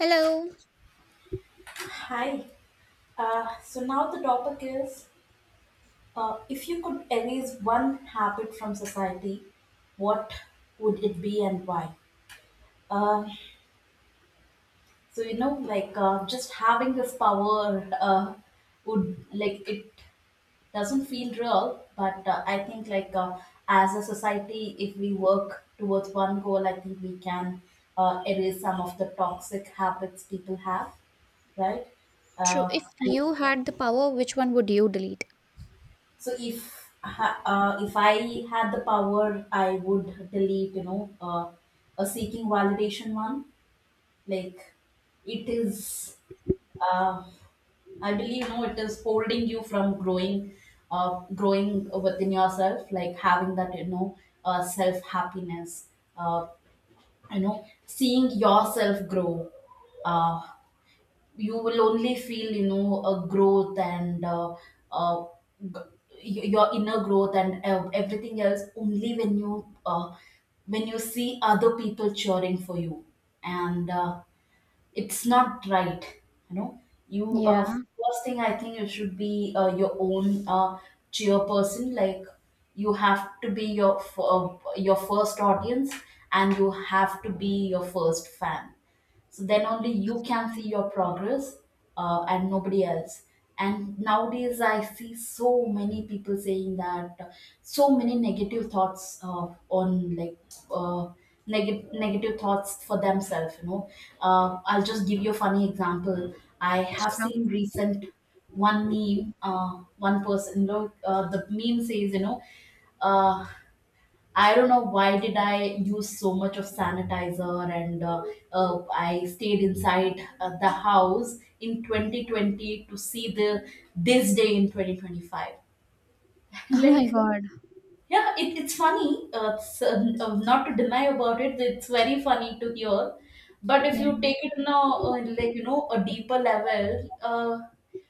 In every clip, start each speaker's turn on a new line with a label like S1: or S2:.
S1: Hello.
S2: Hi. So now the topic is if you could erase one habit from society, what would it be and why? Um you know, just having this power would, like, it doesn't feel real, but I think, as a society, if we work towards one goal, I think we can erase some of the toxic habits people have, right?
S1: True.
S2: Uh,
S1: If you had the power, which one would you delete?
S2: So if if I had the power, I would delete, you know, a seeking validation one. Like it is, uh, I believe, you know, it is holding you from growing, growing within yourself. Like having that, you know, self happiness. Uh, you know, seeing yourself grow. Uh, you will only feel you know a growth and uh, g- your inner growth and everything else only when you see other people cheering for you and it's not right, you know, you
S1: Yeah.
S2: first thing I think you should be your own cheer person. Like you have to be your your first audience, and you have to be your first fan, so then only you can see your progress, and nobody else. And nowadays I see so many people saying that, so many negative thoughts on, like uh, negative thoughts for themselves, you know. I'll just give you a funny example. I have
S1: Sure.
S2: seen recent one meme, one person, you know, the meme says, you know, uh, I don't know why did I use so much of sanitizer and I stayed inside the house in 2020 to see the this day in 2025.
S1: Oh my
S2: Like
S1: God.
S2: yeah, it's funny. It's, not to deny about it, it's very funny to hear. But if you
S1: Yeah.
S2: take it in a a deeper level,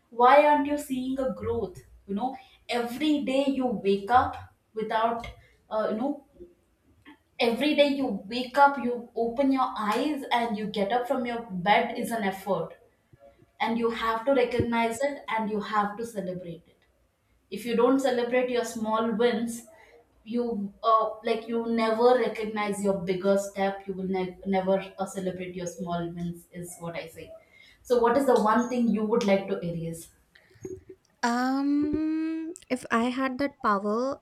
S2: why aren't you seeing a growth? You know, every day you wake up without uh, you know every day you wake up, you open your eyes and you get up from your bed is an effort, and you have to recognize it and you have to celebrate it. If you don't celebrate your small wins, you like you never recognize your bigger step, you will never celebrate your small wins, is what I say. So what is the one thing you would like to erase?
S1: If I had that power,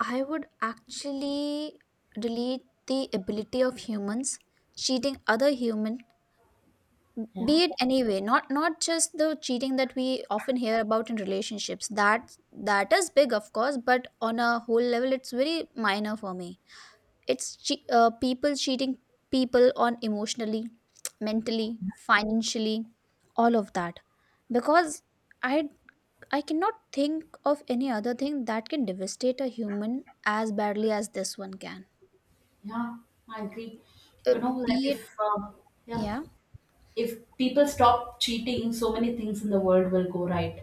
S1: I would actually delete the ability of humans cheating other human,
S2: Yeah,
S1: be it anyway, not just the cheating that we often hear about in relationships. That that is big, of course, but on a whole level, it's very minor for me. It's people cheating people on emotionally, mentally, financially, all of that. Because I I cannot think of any other thing that can devastate a human as badly as this one can.
S2: yeah, I agree.
S1: Uh,
S2: You know, like
S1: be it,
S2: if yeah,
S1: yeah,
S2: if people stop cheating, so many things in the world will go right.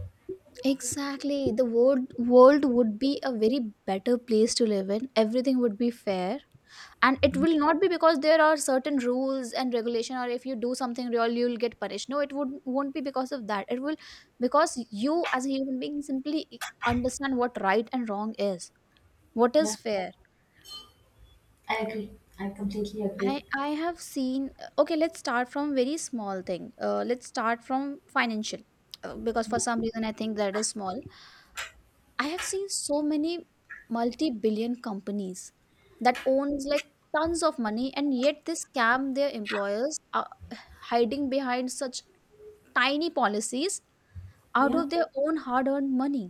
S1: exactly, the world would be a very better place to live in. Everything would be fair, and it will not be because there are certain rules and regulation, or if you do something real you'll get punished. No, it would won't be because of that. It will because you as a human being simply understand what right and wrong is, what is
S2: Yeah,
S1: fair.
S2: I agree. I completely agree.
S1: I have seen, okay, let's start from very small thing. Let's start from financial, because
S2: Yeah.
S1: for some reason I think that is small. I have seen so many multi-billion companies that owns like tons of money, and yet they scam their employers, hiding behind such tiny policies, out
S2: Yeah,
S1: of their own hard-earned money.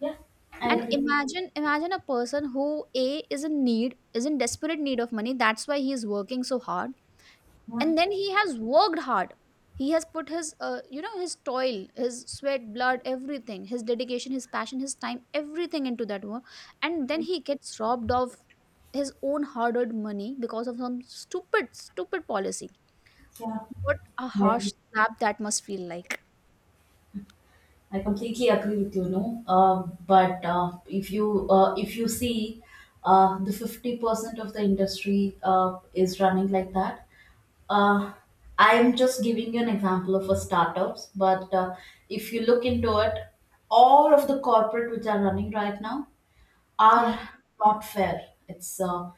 S2: yeah, I
S1: And
S2: agree.
S1: imagine a person who a is in need, is in desperate need of money, that's why he is working so hard.
S2: Yeah.
S1: And then he has worked hard, he has put his you know, his toil, his sweat, blood, everything, his dedication, his passion, his time, everything into that work. And then he gets robbed of his own hard-earned money because of some stupid policy.
S2: Yeah,
S1: What a
S2: I agree.
S1: harsh slap that must feel like.
S2: I completely agree with you. No, but if you see, the 50% of the industry is running like that. Uh, I am just giving you an example of a startups, but if you look into it, all of the corporate which are running right now
S1: Yeah.
S2: are not fair. It's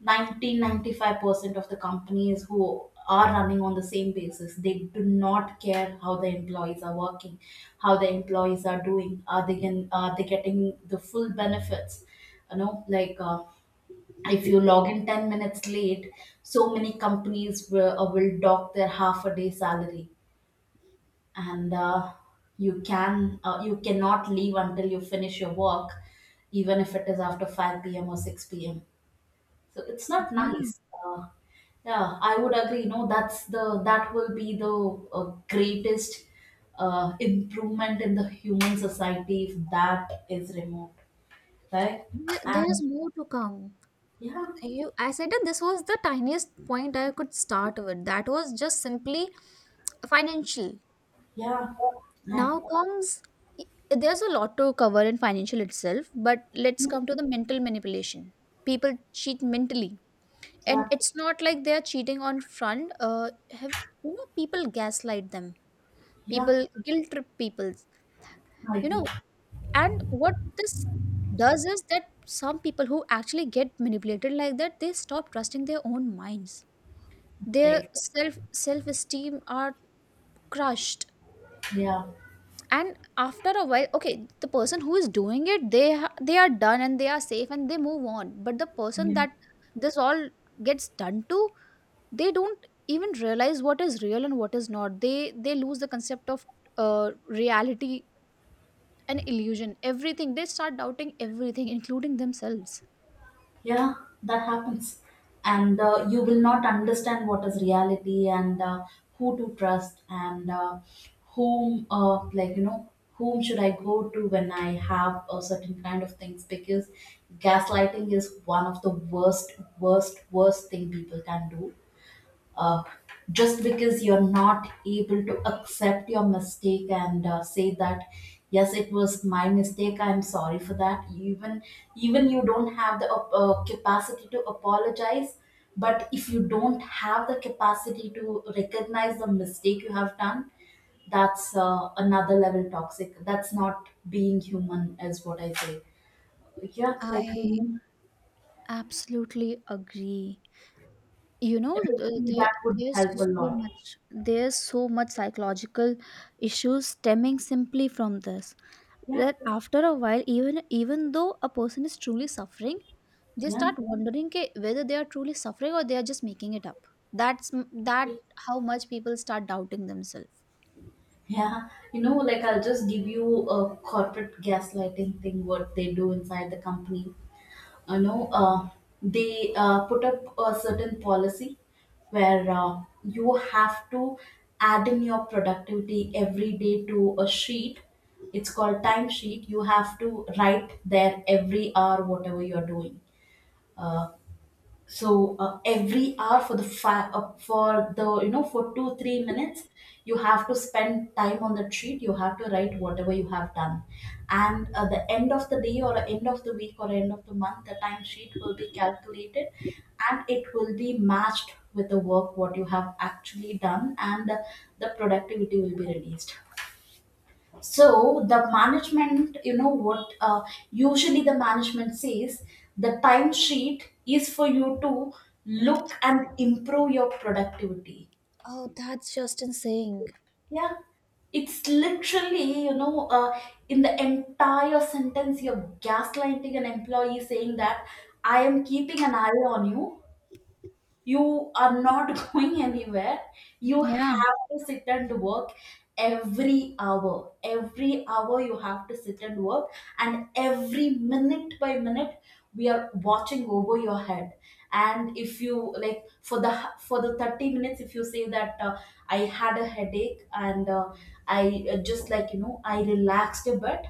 S2: 90% of the companies who are running on the same basis. They do not care how the employees are working, how the employees are doing. Are they can are they getting the full benefits? You know, if you log in 10 minutes late, so many companies will dock their half a day salary, and you can you cannot leave until you finish your work, even if it is after 5 p.m. or 6 p.m. So it's not
S1: Yeah,
S2: nice. uh, yeah, I would agree. No, that's the, that will be the greatest improvement in the human society if that is removed, right?
S1: there, there's
S2: And
S1: more to come.
S2: yeah,
S1: You, I said that this was the tiniest point I could start with. That was just simply financial.
S2: yeah. I-
S1: Now comes, there's a lot to cover in financial itself, but let's come to the mental manipulation. People cheat mentally,
S2: yeah,
S1: and it's not like they're cheating on front. Have, people gaslight them.
S2: yeah,
S1: People guilt trip peoples,
S2: I
S1: you know.
S2: agree.
S1: And what this does is that some people who actually get manipulated like that, they stop trusting their own minds. Their
S2: Eg-
S1: self esteem are crushed.
S2: yeah,
S1: And after a while, okay, the person who is doing it, they are done and they are safe and they move on. But the person
S2: yeah.
S1: that this all gets done to, they don't even realize what is real and what is not. They they lose the concept of uh, reality, an illusion, everything. They start doubting everything, including themselves.
S2: Yeah, that happens. And you will not understand what is reality and who to trust and whom, like, you know, whom should I go to when I have a certain kind of things, because gaslighting is one of the worst, worst, worst thing people can do. uh, just because you're not able to accept your mistake and say that yes it was my mistake, I'm sorry for that, even, even you don't have the capacity to apologize. But if you don't have the capacity to recognize the mistake you have done, that's another level toxic. That's not being human, is what I say. yeah like
S1: I
S2: remove-
S1: absolutely agree. You know,
S2: Remove
S1: there,
S2: that would
S1: there's
S2: help a
S1: so
S2: lot.
S1: much, there's so much psychological issues stemming simply from this.
S2: Yeah,
S1: That after a while, even even though a person is truly suffering, they
S2: yeah.
S1: start wondering ke whether they are truly suffering or they are just making it up. That how much people start doubting themselves.
S2: Yeah, you know, like I'll just give you a corporate gaslighting thing what they do inside the company. You know, they put up a certain policy where you have to add in your productivity every day to a sheet. It's called time sheet. You have to write there every hour whatever you're doing. Uh, every hour for the five for the, you know, for 2 3 minutes you have to spend time on the sheet, you have to write whatever you have done, and at the end of the day or end of the week or end of the month the time sheet will be calculated, and it will be matched with the work what you have actually done, and the productivity will be released. So the management, you know what, usually the management says the timesheet is for you to look and improve your productivity.
S1: Oh, that's just insane.
S2: Yeah, it's literally, you know, in the entire sentence, you're gaslighting an employee saying that I am keeping an eye on you, you are not going anywhere, you
S1: Yeah.
S2: have to sit and work. Every hour, every hour you have to sit and work, and every minute by minute we are watching over your head. And if you like for the, for the 30 minutes if you say that I had a headache and I just, like, you know, I relaxed a bit,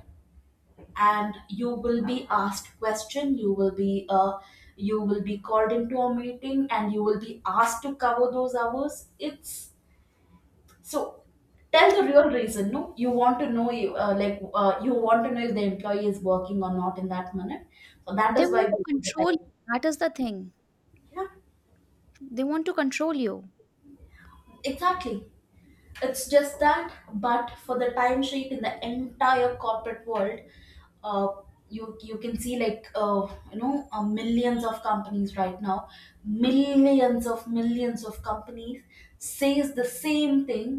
S2: and you will be asked question, you will be called into a meeting and you will be asked to cover those hours. It's so, tell the real reason. No, you want to know, you you want to know if the employee is working or not in that minute, so that
S1: They
S2: is why
S1: want
S2: we
S1: to
S2: want to
S1: control
S2: tell
S1: you. That is the thing.
S2: you. Yeah,
S1: They want to control you.
S2: exactly. It's just that, but for the timesheet in the entire corporate world, uh, you, you can see like millions of companies right now, millions of companies says the same thing.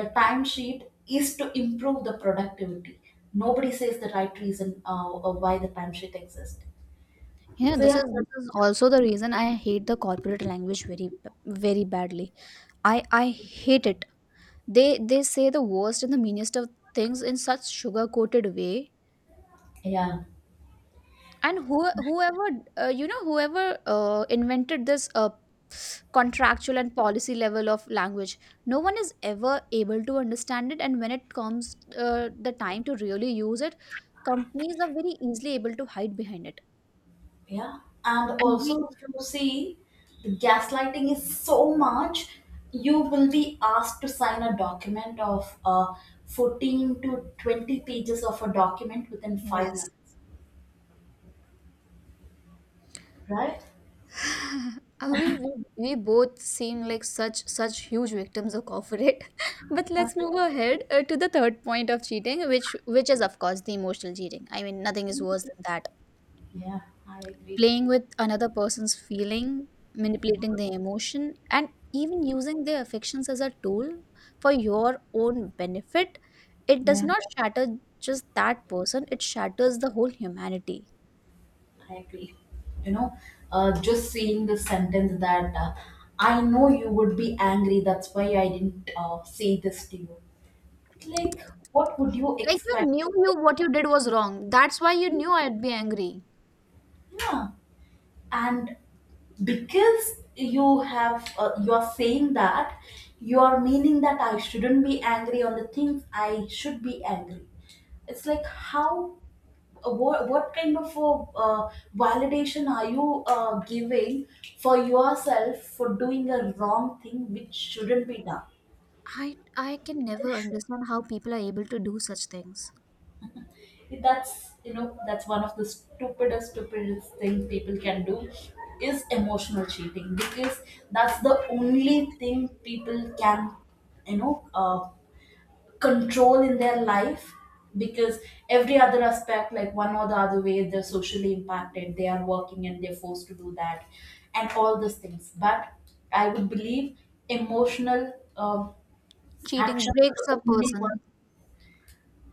S2: The timesheet is to improve the productivity. Nobody says the right reason of why the timesheet exists.
S1: Yeah,
S2: So yeah,
S1: this is also the reason I hate the corporate language very very badly. I hate it. They say the worst and the meanest of things in such sugar coated way.
S2: yeah.
S1: And who, whoever you know, whoever invented this contractual and policy level of language, no one is ever able to understand it, and when it comes the time to really use it, companies are very easily able to hide behind it.
S2: Yeah, and
S1: And we,
S2: also if you see, the gaslighting is so much, you will be asked to sign a document of 14 to 20 pages of a document within five
S1: yes.
S2: minutes, right?
S1: We we both seem like such such huge victims of corporate. But let's move ahead to the third point of cheating, which is of course the emotional cheating. I mean, nothing is worse than that.
S2: Yeah, I agree.
S1: Playing with another person's feeling, manipulating their emotion, and even using their affections as a tool for your own benefit, it does
S2: Yeah,
S1: not shatter just that person, it shatters the whole humanity.
S2: I agree. You know, just seeing the sentence that I know you would be angry, that's why I didn't say this to you. Like, what would you
S1: Like you
S2: expect?
S1: knew you what you did was wrong. That's why you knew I'd be angry.
S2: Yeah. And because you have you are saying that, you are meaning that I shouldn't be angry on the things I should be angry. It's like how, what kind of a uh, validation are you giving for yourself for doing a wrong thing which shouldn't be done?
S1: I can never understand how people are able to do such things.
S2: That's, you know, that's one of the stupidest stupidest things people can do, is emotional cheating, because that's the only thing people can, you know, control in their life. Because every other aspect, like one or the other way they're socially impacted, they are working and they're forced to do that and all these things. But I would believe emotional
S1: Cheating
S2: actions are
S1: breaks a
S2: the only
S1: person.
S2: one,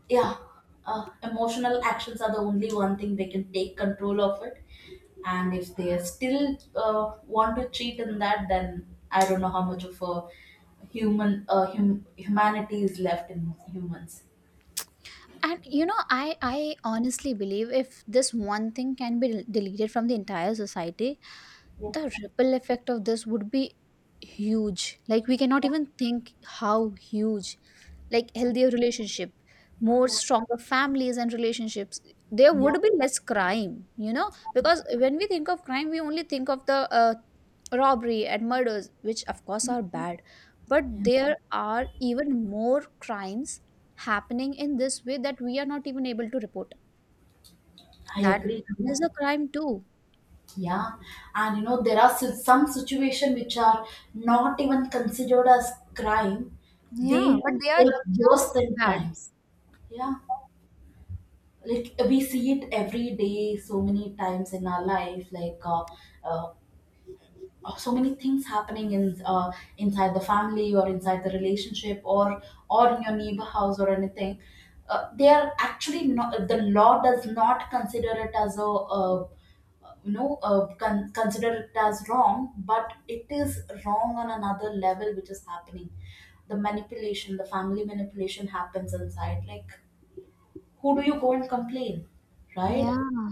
S2: yeah, emotional actions are the only one thing they can take control of it. And if they still want to cheat in that, then I don't know how much of a human, humanity is left in humans.
S1: And you know, I honestly believe if this one thing can be deleted from the entire society,
S2: Yeah.
S1: the ripple effect of this would be huge, like we cannot even think how huge. Like healthier relationship, more
S2: Yeah,
S1: stronger families and relationships, there
S2: yeah.
S1: would be less crime. You know, because when we think of crime we only think of the robbery and murders, which of course are bad, but
S2: Yeah.
S1: there are even more crimes happening in this way that we are not even able to report.
S2: I
S1: That
S2: agree. Yeah.
S1: is a crime too.
S2: Yeah. And you know there are some situations which are not even considered as crime.
S1: Yeah,
S2: they
S1: but they
S2: they
S1: are just
S2: are
S1: as
S2: worse than
S1: bad.
S2: crimes. Yeah, like we see it every day so many times in our life, like uh, so many things happening in, inside the family or inside the relationship or in your neighbor house or anything, they are actually not, the law does not consider it as a uh, consider it as wrong, but it is wrong on another level which is happening. The manipulation, the family manipulation happens inside. Like who do you go and complain, right?
S1: Yeah.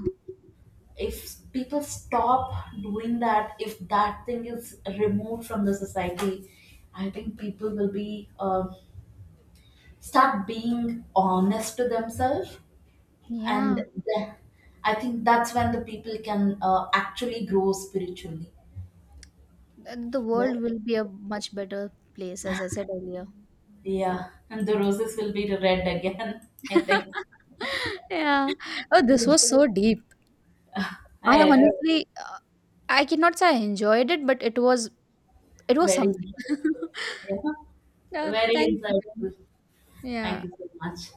S2: If people stop doing that, if that thing is removed from the society, I think people will be start being honest to themselves,
S1: Yeah,
S2: and I think that's when the people can actually grow spiritually.
S1: the world
S2: Right?
S1: will be a much better place, as I said earlier.
S2: Yeah, and the roses will be red again. I think.
S1: Yeah. Oh,
S2: Yeah.
S1: this was so deep.
S2: I
S1: I
S2: agree.
S1: honestly, I cannot say I enjoyed it, but it was, it was
S2: Very
S1: something.
S2: insightful. Yeah.
S1: Yeah,
S2: Very
S1: thank you.
S2: insightful. Thank
S1: Yeah.
S2: you so much.